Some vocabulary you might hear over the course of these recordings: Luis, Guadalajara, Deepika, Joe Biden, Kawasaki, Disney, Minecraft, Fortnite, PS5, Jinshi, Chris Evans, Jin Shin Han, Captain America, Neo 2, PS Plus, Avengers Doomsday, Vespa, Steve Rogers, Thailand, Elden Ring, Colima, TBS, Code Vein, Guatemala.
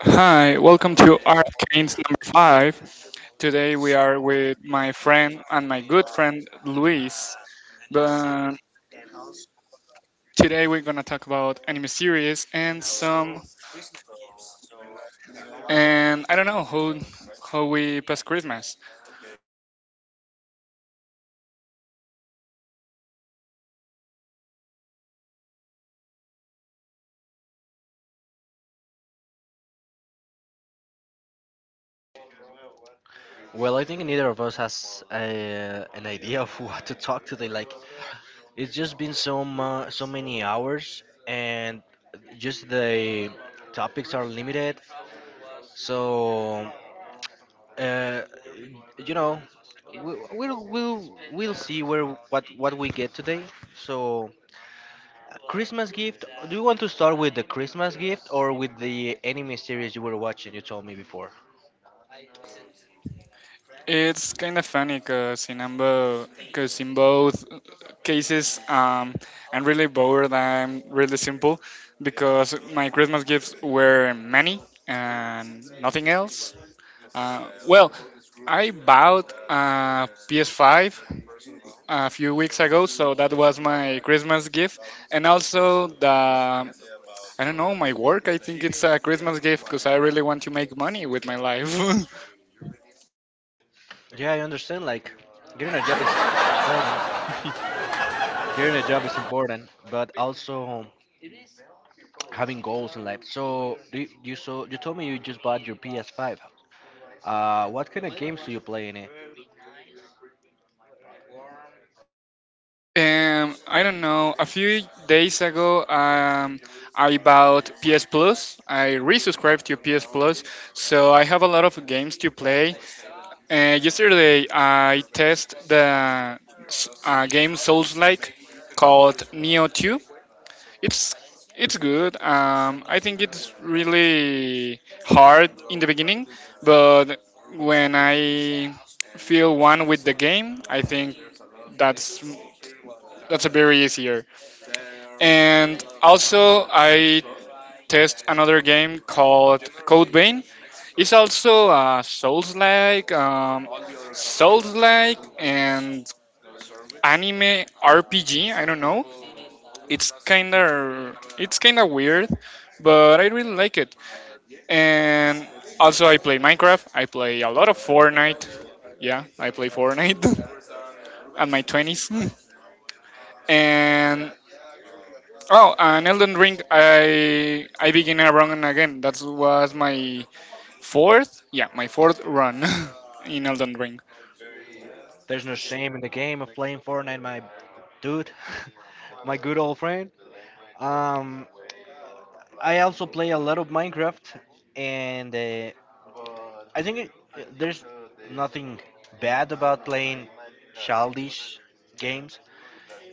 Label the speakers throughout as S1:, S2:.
S1: Hi, welcome to Arcane's number five. Today we are with my friend and my good friend Luis. But today we're gonna talk about anime series and some and I don't know how we pass Christmas.
S2: Well, I think neither of us has an idea of what to talk today. Like, it's just been so many hours, and just the topics are limited. So, uh, you know, we'll see where what we get today. So, Christmas gift. Do you want to start with the Christmas gift or with the anime series you were watching? You told me before.
S1: It's kind of funny because in ambo, cause in both cases I'm really bored. I'm really simple because my Christmas gifts were many and nothing else. Well, I bought a PS5 a few weeks ago, so that was my Christmas gift, and also the I don't know my work. I think it's a Christmas gift because I really want to make money with my life.
S2: Yeah, I understand. Like, getting a job is important. Getting a job is important, but also having goals in life. So do you, you so you told me you just bought your PS5. What kind of games do you play in it?
S1: I don't know. A few days ago, I bought PS Plus. I resubscribed to PS Plus, so I have a lot of games to play. Yesterday, I test the game Souls Like called Neo 2. It's it's good. I think it's really hard in the beginning, but when I feel one with the game, I think that's that's a very easier. And also, I test another game called Code Vein. It's also a Souls-like, and anime RPG. I don't know. It's kind of weird, but I really like it. And also, I play Minecraft. I play a lot of Fortnite. Yeah, I play Fortnite at my twenties. And oh, and Elden Ring. I begin a run again. That was my fourth. Yeah, my fourth run in Elden Ring.
S2: There's no shame in the game of playing Fortnite, my dude, my good old friend. Um, I also play a lot of Minecraft, and I think it, there's nothing bad about playing childish games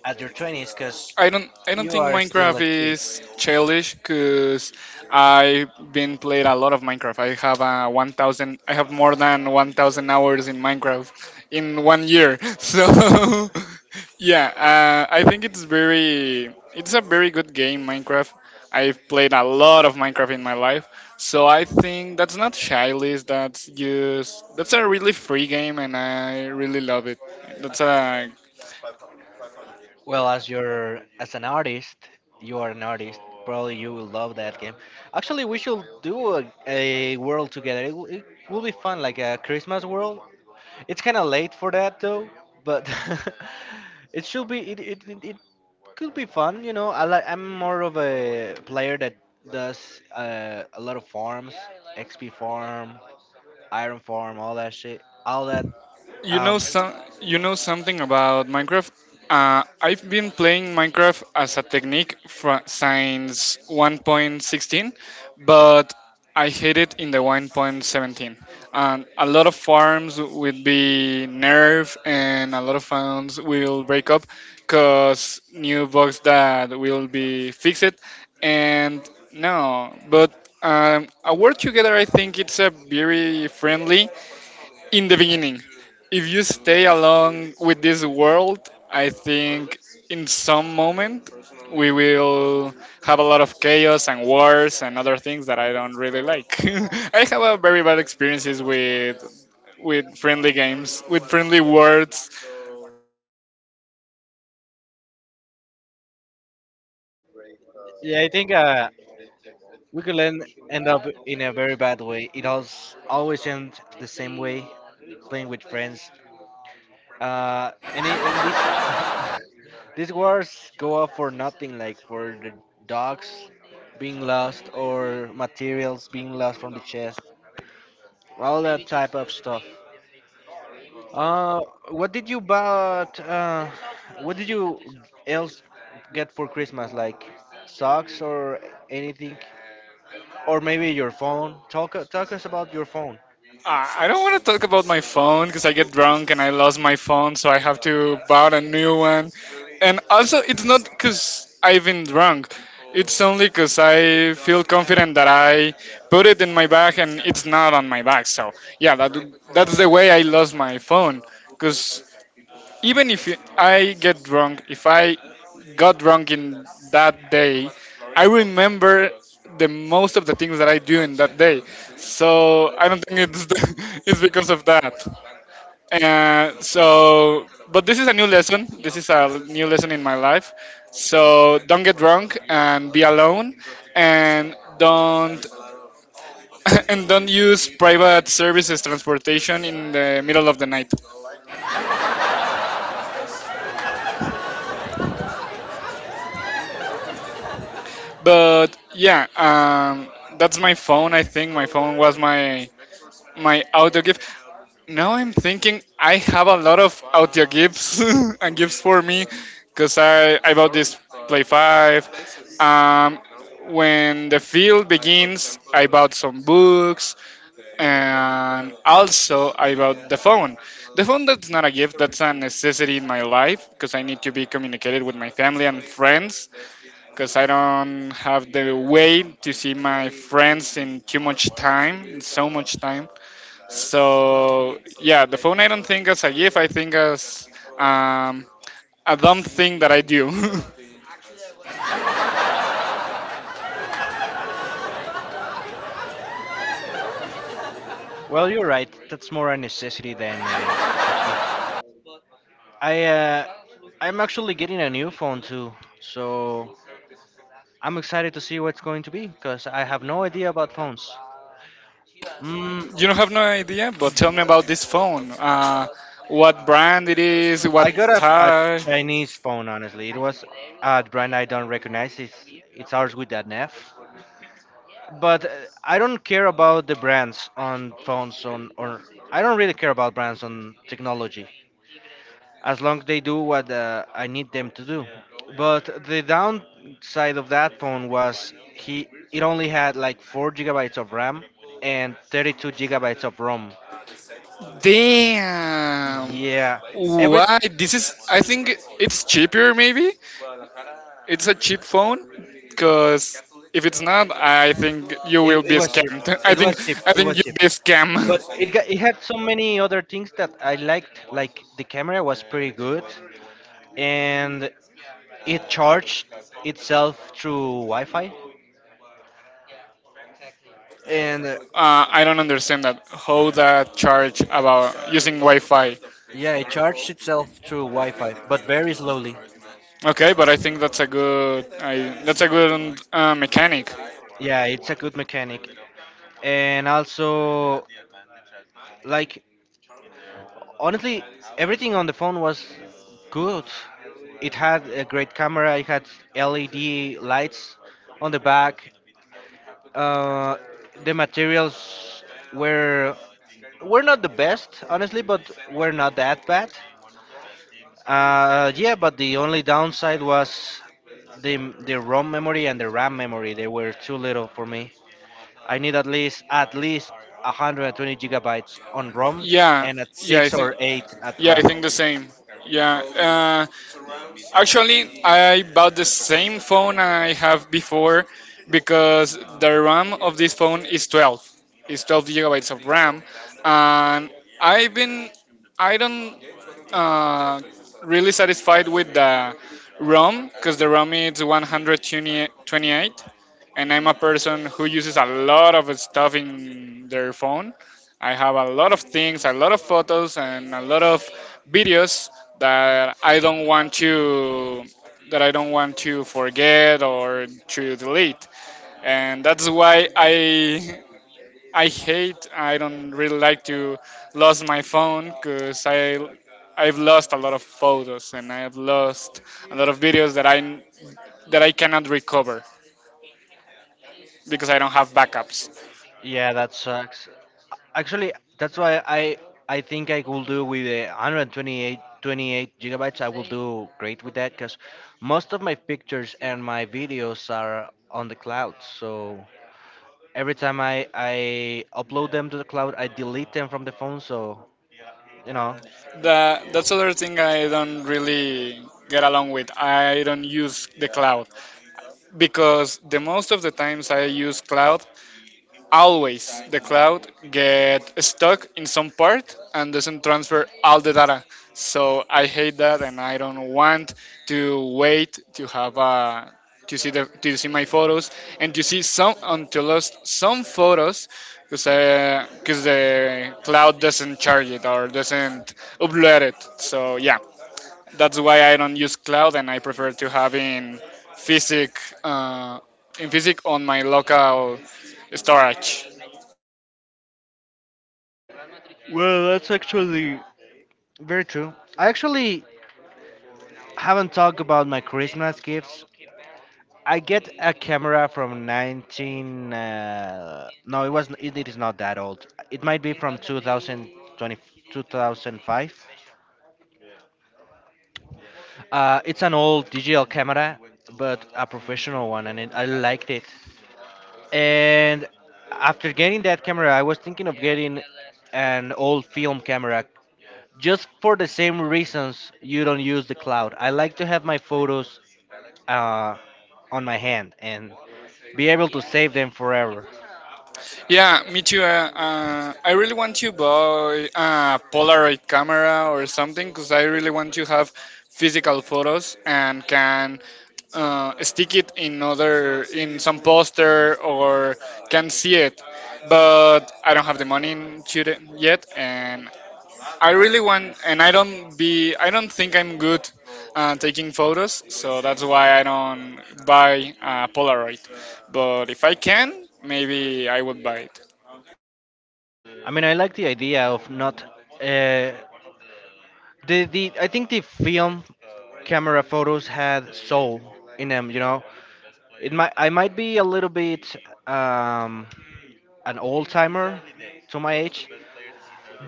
S2: at your 20s because
S1: I don't
S2: you
S1: think
S2: are still
S1: Minecraft
S2: a kid.
S1: is childish because I've been played a lot of Minecraft. I have more than 1,000 hours in Minecraft in one year. So yeah, I think it's a very good game Minecraft. I've played a lot of Minecraft in my life. So I think that's not childish. That's a really free game, and I really love it. That's a
S2: Well, as an artist, you are an artist. Probably you will love that game. Actually, we should do a world together. It will be fun, like a Christmas world. It's kind of late for that though, but it should be. It could be fun. You know, I like. I'm more of a player that does a lot of farms, XP farm, iron farm, all that shit, all that.
S1: you know
S2: Um,
S1: some You know something about Minecraft. I've been playing Minecraft as a technique since 1.16, but I hate it in the 1.17. And a lot of farms will be nerfed, and a lot of farms will break up because new bugs that will be fixed. And no, but a work together, I think it's a very friendly in the beginning. If you stay along with this world, I think in some moment we will have a lot of chaos and wars and other things that I don't really like. I have a very bad experiences with friendly games, with friendly words.
S2: Yeah, I think we could end up in a very bad way. It always ends the same way, playing with friends. And this these wars go off for nothing, like for the dogs being lost or materials being lost from the chest, all that type of stuff. Uh, what did you bought? What did you else get for Christmas? Like socks or anything? Or maybe your phone. Talk us about your phone.
S1: I don't want to talk about my phone because I get drunk and I lost my phone, so I have to buy a new one. And also, it's not because I've been drunk. It's only because I feel confident that I put it in my bag and it's not on my bag. So yeah, that's the way I lost my phone. Because even if I get drunk, if I got wrong in that day, I remember the most of the things that I do in that day. So I don't think it's it's because of that. But this is a new lesson. This is a new lesson in my life. So don't get drunk and be alone, and don't and don't use private services transportation in the middle of the night. But yeah, that's my phone. I think my phone was my auto gift. Now I'm thinking I have a lot of Audio gifts and gifts for me because I bought this Play 5. When the field begins, I bought some books and also I bought the phone. The phone that's not a gift, that's a necessity in my life because I need to be communicated with my family and friends because I don't have the way to see my friends in too much time, in so much time. So yeah, the phone I don't think as a gift. I think as um, a dumb thing that I do.
S2: Well, you're right. That's more a necessity than a gift. I uh, I'm actually getting a new phone too, so I'm excited to see what's going to be because I have no idea about phones. Mm.
S1: You don't have no idea, but tell me about this phone. What brand it is?
S2: I
S1: What
S2: got a
S1: type?
S2: Chinese phone. Honestly, it was a brand I don't recognize. It's ours with that F. But I don't care about the brands on phones on or I don't really care about brands on technology, as long as they do what I need them to do. But the downside of that phone was he it only had like 4 gigabytes of RAM and 32 gigabytes of ROM.
S1: Damn.
S2: Yeah, every
S1: Why? This is. I think it's cheaper. Maybe it's a cheap phone. Cause if it's not, I think you
S2: it,
S1: will be
S2: it was cheap.
S1: scammed. I
S2: It
S1: think
S2: was cheap.
S1: I
S2: It
S1: think
S2: was
S1: you'd
S2: cheap.
S1: be scammed.
S2: But it had so many other things that I liked. Like the camera was pretty good, and it charged itself through Wi-Fi. And
S1: I don't understand that. How that charge about using Wi-Fi?
S2: yeah, it charged itself through Wi-Fi, but very slowly.
S1: Okay, but I think that's a good. That's a good mechanic.
S2: Yeah, it's a good mechanic. And also, like, honestly, everything on the phone was good. It had a great camera, it had LED lights on the back. Uh, the materials were were not the best, honestly, but were not that bad. Yeah, but the only downside was the ROM memory and the RAM memory. They were too little for me. I need at least 120 gigabytes on ROM
S1: Yeah,
S2: and at
S1: yeah, I
S2: six
S1: think.
S2: or eight at
S1: Yeah, I
S2: RAM.
S1: think the same. Yeah. Actually, I bought the same phone I have before because the RAM of this phone is 12. It's 12 gigabytes of RAM, and I've been. I don't uh, really satisfied with the ROM because the ROM is 128, and I'm a person who uses a lot of stuff in their phone. I have a lot of things, a lot of photos, and a lot of videos that I don't want to forget or to delete. And that's why I hate. I don't really like to lose my phone because I've lost a lot of photos and I have lost a lot of videos that I cannot recover because I don't have backups.
S2: Yeah, that sucks. Actually, that's why I think I will do with the 128 28 twenty-eight gigabytes. I will do great with that because most of my pictures and my videos are on the cloud. So every time I upload them to the cloud, I delete them from the phone. So you know.
S1: That's other thing I don't really get along with. I don't use the cloud because the most of the times I use cloud always the cloud get stuck in some part and doesn't transfer all the data, so I hate that, and I don't want to wait to have a to see the to see my photos and to see some until lost some photos because the cloud doesn't charge it or doesn't upload it. So yeah, that's why I don't use cloud, and I prefer to have in physic uh, on my local storage.
S2: Well, that's actually very true. I actually haven't talked about my Christmas gifts. I get a camera from 19. No, it was. It is not that old. It might be from 2020, 2005. It's an old digital camera, but a professional one, and I liked it. And after getting that camera, I was thinking of getting an old film camera just for the same reasons you don't use the cloud. I like to have my photos uh, on my hand, and be able to save them forever.
S1: Yeah, me too. I really want to buy a Polaroid camera or something because I really want to have physical photos and can stick it in some poster or can see it. But I don't have the money to the, yet, and I really want. And I don't be. I don't think I'm good taking photos, so that's why I don't buy a Polaroid. But if I can, maybe I would buy it.
S2: I mean, I like the idea of not. Uh, the I think the film camera photos had soul in them. You know, it might I might be a little bit um, an old timer to my age,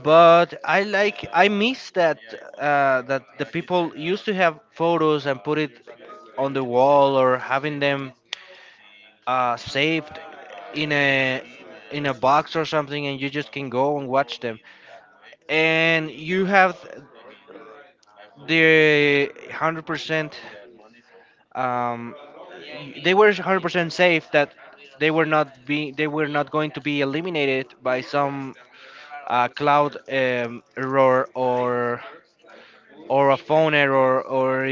S2: but I miss that that the people used to have photos and put it on the wall or having them saved in a in a box or something, and you just can go and watch them. And you have the 100%. um, they were 100% safe, that they were not going to be eliminated by some cloud error or a phone error or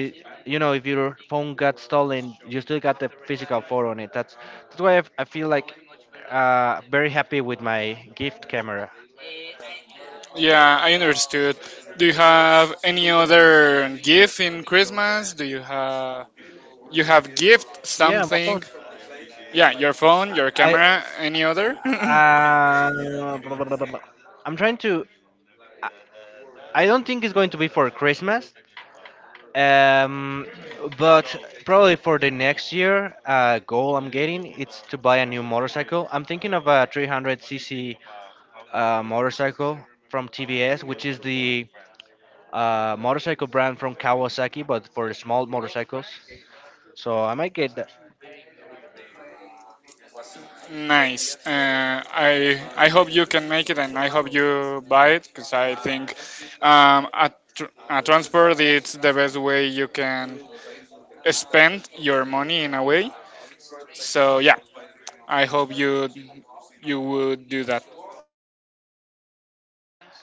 S2: if your phone got stolen you still got the physical photo on it. That's why I feel like very happy with my gift camera.
S1: Yeah, I understood. Do you have any other gift in Christmas? Do you have You have gift
S2: Yeah, my phone.
S1: something? Yeah, your phone, your
S2: I
S1: camera, any other?
S2: uh, blah, blah, blah, blah, blah. I'm trying to. I don't think it's going to be for Christmas, um, but probably for the next year. Goal I'm getting it's to buy a new motorcycle. I'm thinking of a 300cc motorcycle from TBS, which is the motorcycle brand from Kawasaki, but for small motorcycles. So I might get that.
S1: Nice. I hope you can make it, and I hope you buy it because I think a transport it's the best way you can spend your money in a way. So yeah, I hope you would do that.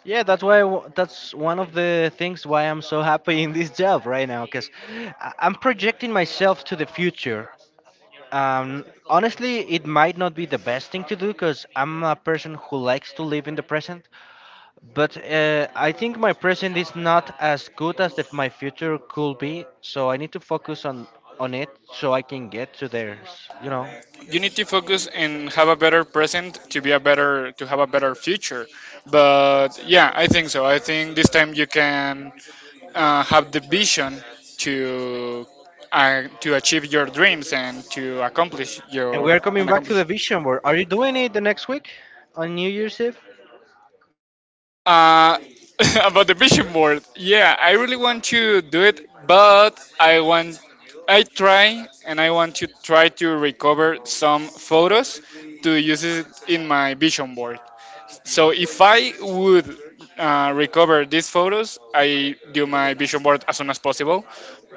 S2: Yeah, that's why. That's one of the things why I'm so happy in this job right now, because I'm projecting myself to the future. Honestly, it might not be the best thing to do because I'm a person who likes to live in the present. But I think my present is not as good as if my future could be. So I need to focus on it so I can get to theirs. You know.
S1: You need to focus and have a better present to have a better future. But yeah, I think. So I think this time you can have the vision to to achieve your dreams and to accomplish
S2: And we
S1: your
S2: are coming
S1: and
S2: back to
S1: accomplish
S2: the vision board. Are you doing it the next week on New Year's Eve?
S1: uh, about the vision board, yeah, I really want to do it. But I want to try to recover some photos to use it in my vision board. So if I would recover these photos, I do my vision board as soon as possible.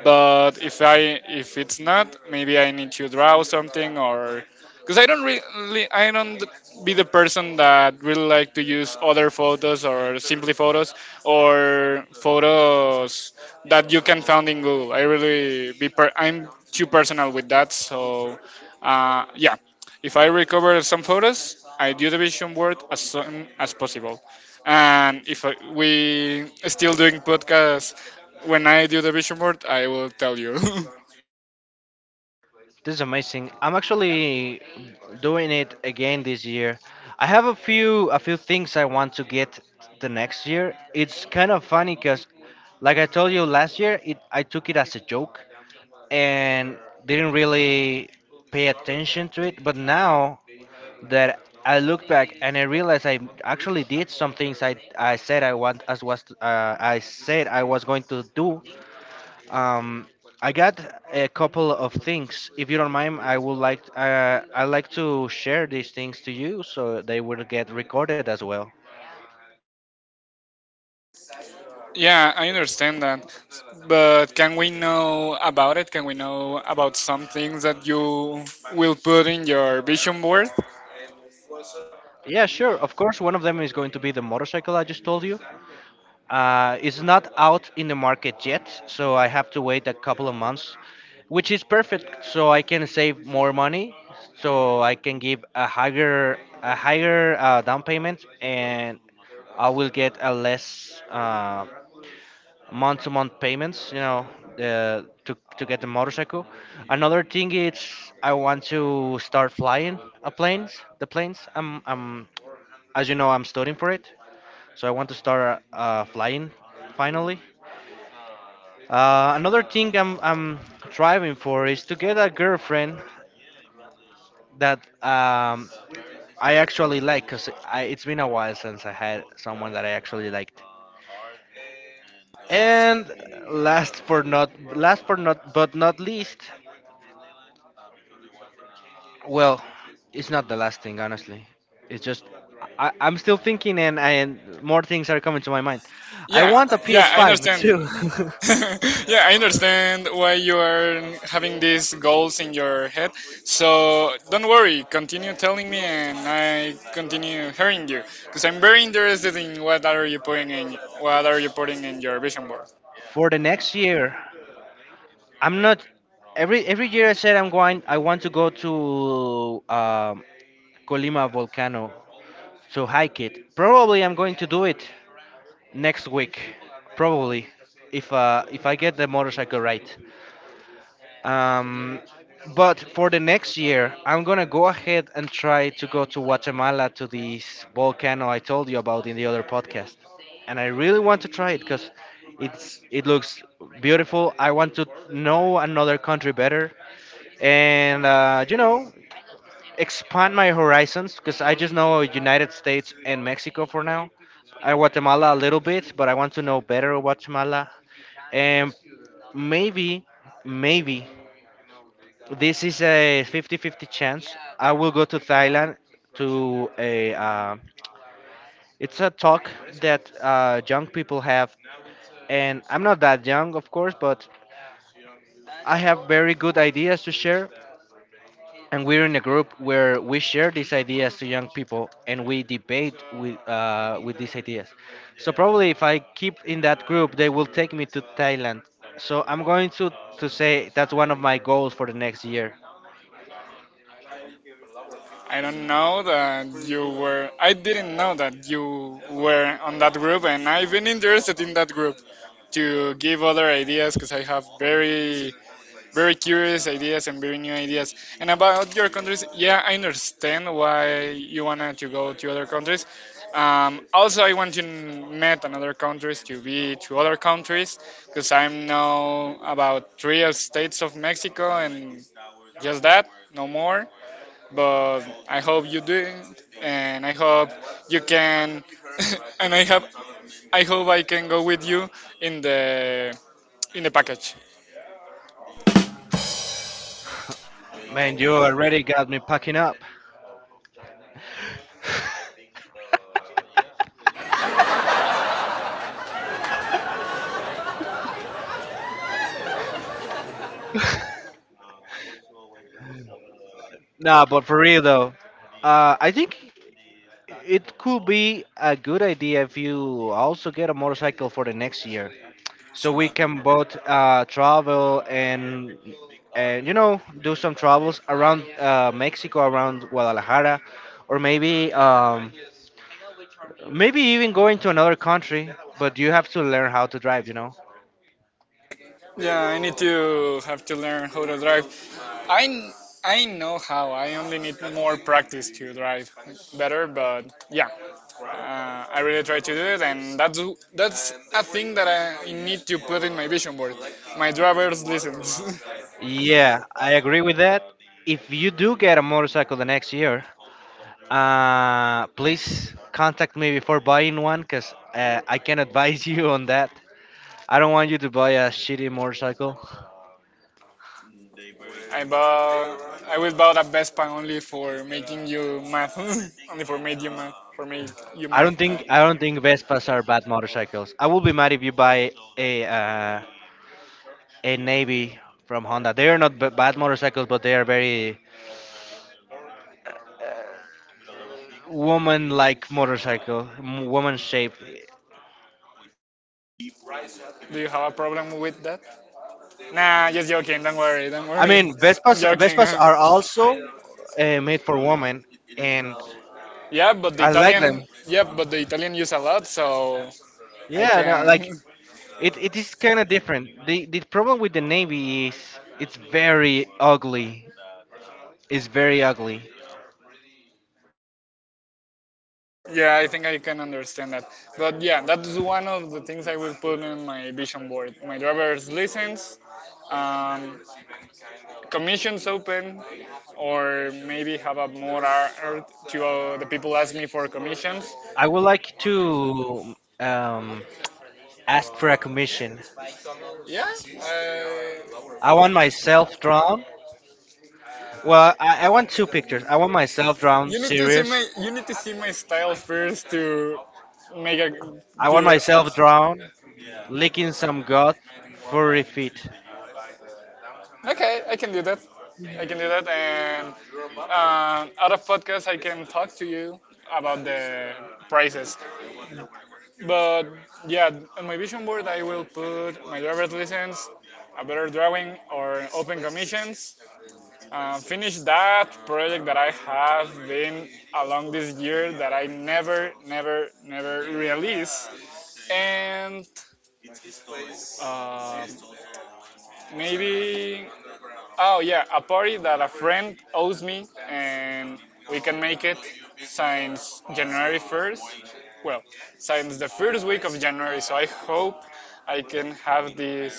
S1: But if it's not, maybe I need to draw something or because I don't be the person that really like to use other photos or simply photos or photos that you can find in Google. I really be I'm too personal with that. So yeah, if I recover some photos, I do the vision board as soon as possible. And if we still doing podcasts when I do the vision board, I will tell you.
S2: This is amazing. I'm actually doing it again this year. I have a few things I want to get the next year. It's kind of funny because, like I told you last year, it I took it as a joke and didn't really pay attention to it. But now that I look back and I realize I actually did some things I said I said I was going to do. Um, I got a couple of things. If you don't mind, I like to share these things to you so they will get recorded as well.
S1: Yeah, I understand that. But can we know about it? Can we know about some things that you will put in your vision board?
S2: Yeah, sure. Of course, one of them is going to be the motorcycle I just told you. It's not out in the market yet, so I have to wait a couple of months, which is perfect. So I can save more money, so I can give a higher down payment, and I will get a less month to month payments, to get the motorcycle. Another thing is I want to start flying the planes. As you know, I'm studying for it, so I want to start flying finally. Another thing I'm striving for is to get a girlfriend that I actually like, cause it's been a while since I had someone that I actually liked. And last for not but not well, it's not the last thing, honestly. It's just I'm still thinking, and more things are coming to my mind. I
S1: Yeah,
S2: want a
S1: yeah, I
S2: PS5 too.
S1: understand. Yeah, I understand why you are having these goals in your head. So don't worry, continue telling me and I continue hearing you because I'm very interested in what are you putting in your vision board.
S2: For the next year, I'm not every year I said I'm going. I want to go to Colima volcano to hike it. Probably I'm going to do it next week. Probably if I get the motorcycle right. Um, but for the next year, I'm gonna go ahead and try to go to Guatemala to this volcano I told you about in the other podcast, and I really want to try it because it looks beautiful. I want to know another country better, and expand my horizons because I just know United States and Mexico for now. I Guatemala a little bit, but I want to know better Guatemala, and maybe, maybe. This is a 50-50 chance. I will go to Thailand to a. It's a talk that young people have, and I'm not that young, of course, but I have very good ideas to share. And we're in a group where we share these ideas to young people, and we debate with these ideas. So probably if I keep in that group, they will take me to Thailand. So I'm going to say that's one of my goals for the next year.
S1: I don't know that you were. I didn't know that you were on that group, and I've been interested in that group to give other ideas because I have very, very curious ideas and very new ideas. And about your countries, yeah, I understand why you wanted to go to other countries. Also, I want to meet another countries to other countries because I know about three states of Mexico and just that, no more, but I hope you do it, and I hope you can, and I have, I hope I can go with you in the in the package.
S2: Man, you already got me packing up. Nah, but for real though, I think it could be a good idea if you also get a motorcycle for the next year, so we can both travel and you know do some travels around, Mexico, around Guadalajara, or maybe maybe even going to another country. But you have to learn how to drive, you know.
S1: Yeah, I need to have to learn how to drive. I I know how. I only need more practice to drive better, but yeah, I really try to do it, and that's a thing that I need to put in my vision board. My driver's license.
S2: Yeah, I agree with that. If you do get a motorcycle the next year, please contact me before buying one because I can advise you on that. I don't want you to buy a shitty motorcycle.
S1: I bought. I will buy that Vespa only for making you mad. Only for made you mad. For make you
S2: I
S1: mad.
S2: don't think I don't think Vespas are bad motorcycles. I will be mad if you buy a uh, a Navy from Honda. They are not bad motorcycles, but they are very woman-like motorcycle, woman-shaped.
S1: Do you have a problem with that? Nah, just joking. Don't worry. Don't
S2: I
S1: worry.
S2: mean,
S1: I'm
S2: Vespas
S1: joking.
S2: Vespas
S1: Vespas
S2: are
S1: are also
S2: also
S1: made
S2: made
S1: for
S2: for
S1: women.
S2: women,
S1: And
S2: and
S1: Yeah, but the I
S2: I
S1: like
S2: like
S1: Italian. Them.
S2: them.
S1: Yeah, but the Italian use a lot, so I
S2: Yeah, no,
S1: Yeah, like
S2: like
S1: can.
S2: it is kind of different. The problem with the navy is it's very ugly. It's very ugly.
S1: Yeah, I think I can understand that. But yeah, that's one of the things I will put in my vision board: my driver's license, um, commissions open, or maybe have a more art to the people ask me for commissions,
S2: I would like to, um, ask for a commission.
S1: yeah.
S2: I want myself drawn. Well, I want two pictures. I want myself drawn,
S1: You need series. To see
S2: serious.
S1: my you need to see my style first to
S2: I want
S1: I want to,
S2: myself drawn, licking some god, furry feet.
S1: okay, I can do that. I can do that, and out of podcast, I can talk to you about the prices. But yeah, on my vision board, I will put my driver's license, a better drawing, or open commissions. Finish that project that I have been along this year that I never release, and uh, maybe, oh yeah, a party that a friend owes me, and we can make it since January 1st. Well, since the first week of January, so I hope I can have this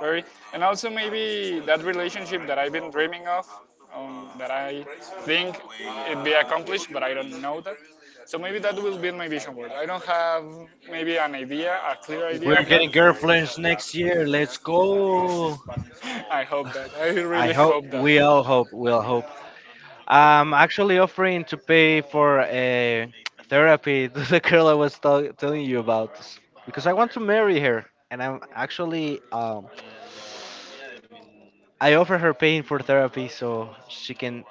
S1: party. And also maybe that relationship that I've been dreaming of, that I think it'd be accomplished, but I don't know that. So maybe that will be my vision board. I don't have maybe an idea, a clear
S2: We're
S1: idea of that.
S2: getting girlfriends next year. Let's go.
S1: I hope that. I
S2: I
S1: really hope
S2: hope
S1: that.
S2: we all hope. We all hope. I'm actually offering to pay for a therapy to the girl I was telling you about because I want to marry her, and I'm actually I offer her paying for therapy so she can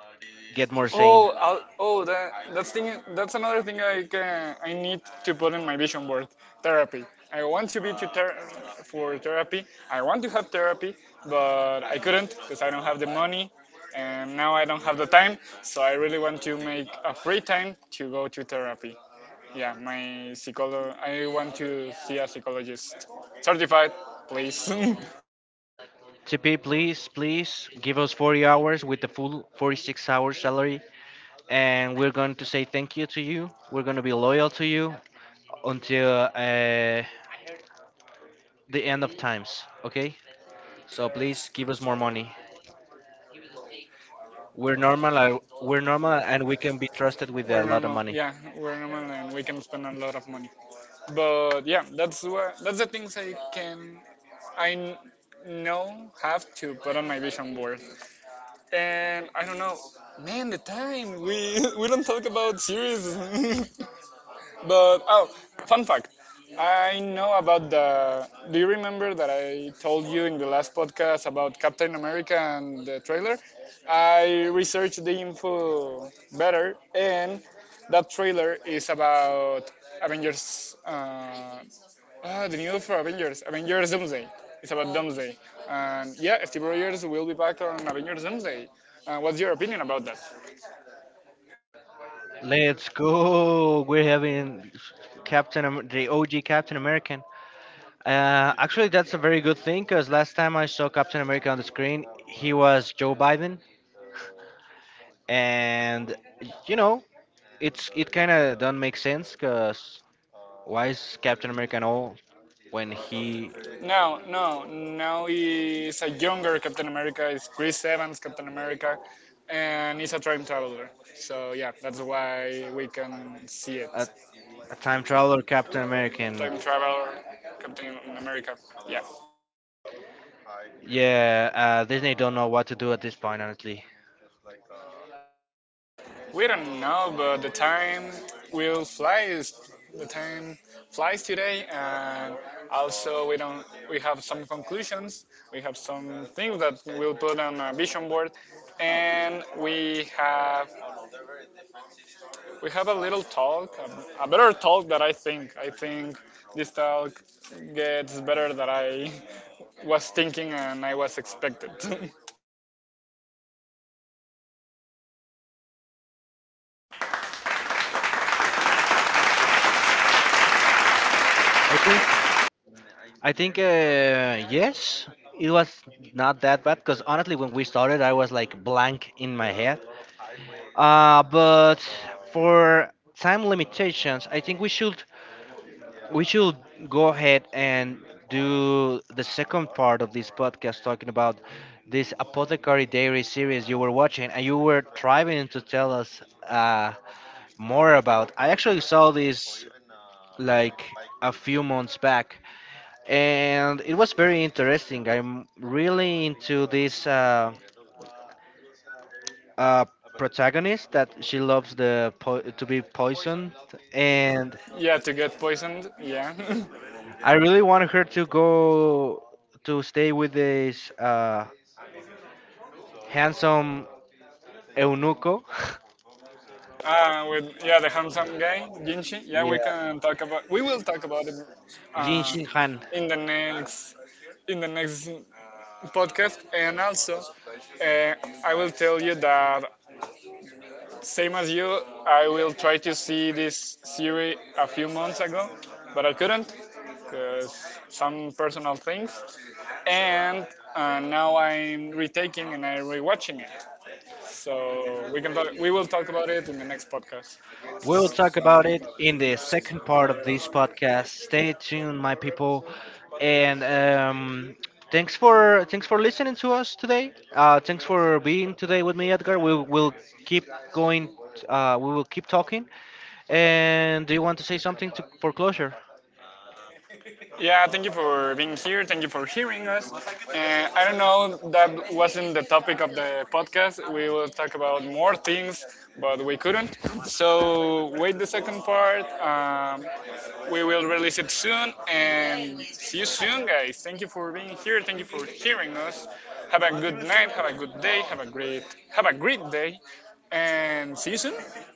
S2: get more sane.
S1: Oh, that that's thing. That's another thing I need to put in my vision board. Therapy. I want to be to ther- For therapy. I want to have therapy, but I couldn't because I don't have the money, and now I don't have the time. So I really want to make a free time to go to therapy. Yeah, my psycholo I want to see a psychologist. Certified, please.
S2: TP, please, please give us 40 hours with the full 46-hour salary, and we're going to say thank you to you. We're going to be loyal to you until, the end of times. Okay, so please give us more money. We're normal, and we can be trusted with a
S1: We're
S2: lot of
S1: normal.
S2: money.
S1: Yeah, we're normal and we can spend a lot of money. But yeah, that's the things I know have to put on my vision board. And I don't know, man, the time we we don't talk about series. But oh, fun fact. I know about the. Do you remember that I told you in the last podcast about Captain America and the trailer? I researched the info better, and that trailer is about Avengers. The new for Avengers, Avengers Doomsday. It's about Doomsday, and yeah, Steve Rogers will be back on Avengers Doomsday. What's your opinion about that?
S2: Let's go. We're having the OG Captain American. Actually, that's a very good thing because last time I saw Captain America on the screen, he was Joe Biden, and you know, it kind of don't make sense because why is Captain America an old when he
S1: No, no, now is a younger Captain America. It's Chris Evans Captain America, and he's a time traveler. So yeah, that's why we can see it.
S2: a, a time traveler Captain American?
S1: Time traveler, Captain America. Yeah,
S2: Yeah, Disney don't know what to do at this point, honestly.
S1: we don't know, but the time will fly. Is the time flies today, and also we don't. We have some conclusions. We have some things that we'll put on a vision board, and we have a little talk, a better talk that I think this talk gets better than I was thinking and I was expected.
S2: I think yes, it was not that bad because honestly, when we started, I was like blank in my head. But for time limitations, I think we should go ahead and do the second part of this podcast talking about this apothecary diary series you were watching and you were trying to tell us uh, more about. I actually saw this like a few months back and it was very interesting. I'm really into this, uh, protagonist that she loves the to be poisoned, and
S1: Yeah, to get poisoned. Yeah.
S2: I really wanted her to go to stay with this handsome eunuco.
S1: With yeah the handsome guy Jinshi. Yeah,
S2: yeah,
S1: we can talk about. We will talk about it
S2: Jin
S1: uh,
S2: Shin Han.
S1: in the next in the next podcast. And also, uh, I will tell you that same as you, I will try to see this series a few months ago, but I couldn't because some personal things. And now I'm retaking and I'm rewatching it. So we will talk about it in the next podcast.
S2: We'll talk about it in the second part of this podcast. Stay tuned, my people, and, thanks for listening to us today. Thanks for being today with me, Edgar. We will keep going. We will keep talking. And do you want to say something to, for closure?
S1: Yeah, thank you for being here. Thank you for hearing us. I don't know, that wasn't the topic of the podcast. We will talk about more things, but we couldn't. So wait the second part. We will release it soon, and see you soon, guys. Thank you for being here. Thank you for hearing us. Have a good night. Have a good day. Have a great day, and see you soon.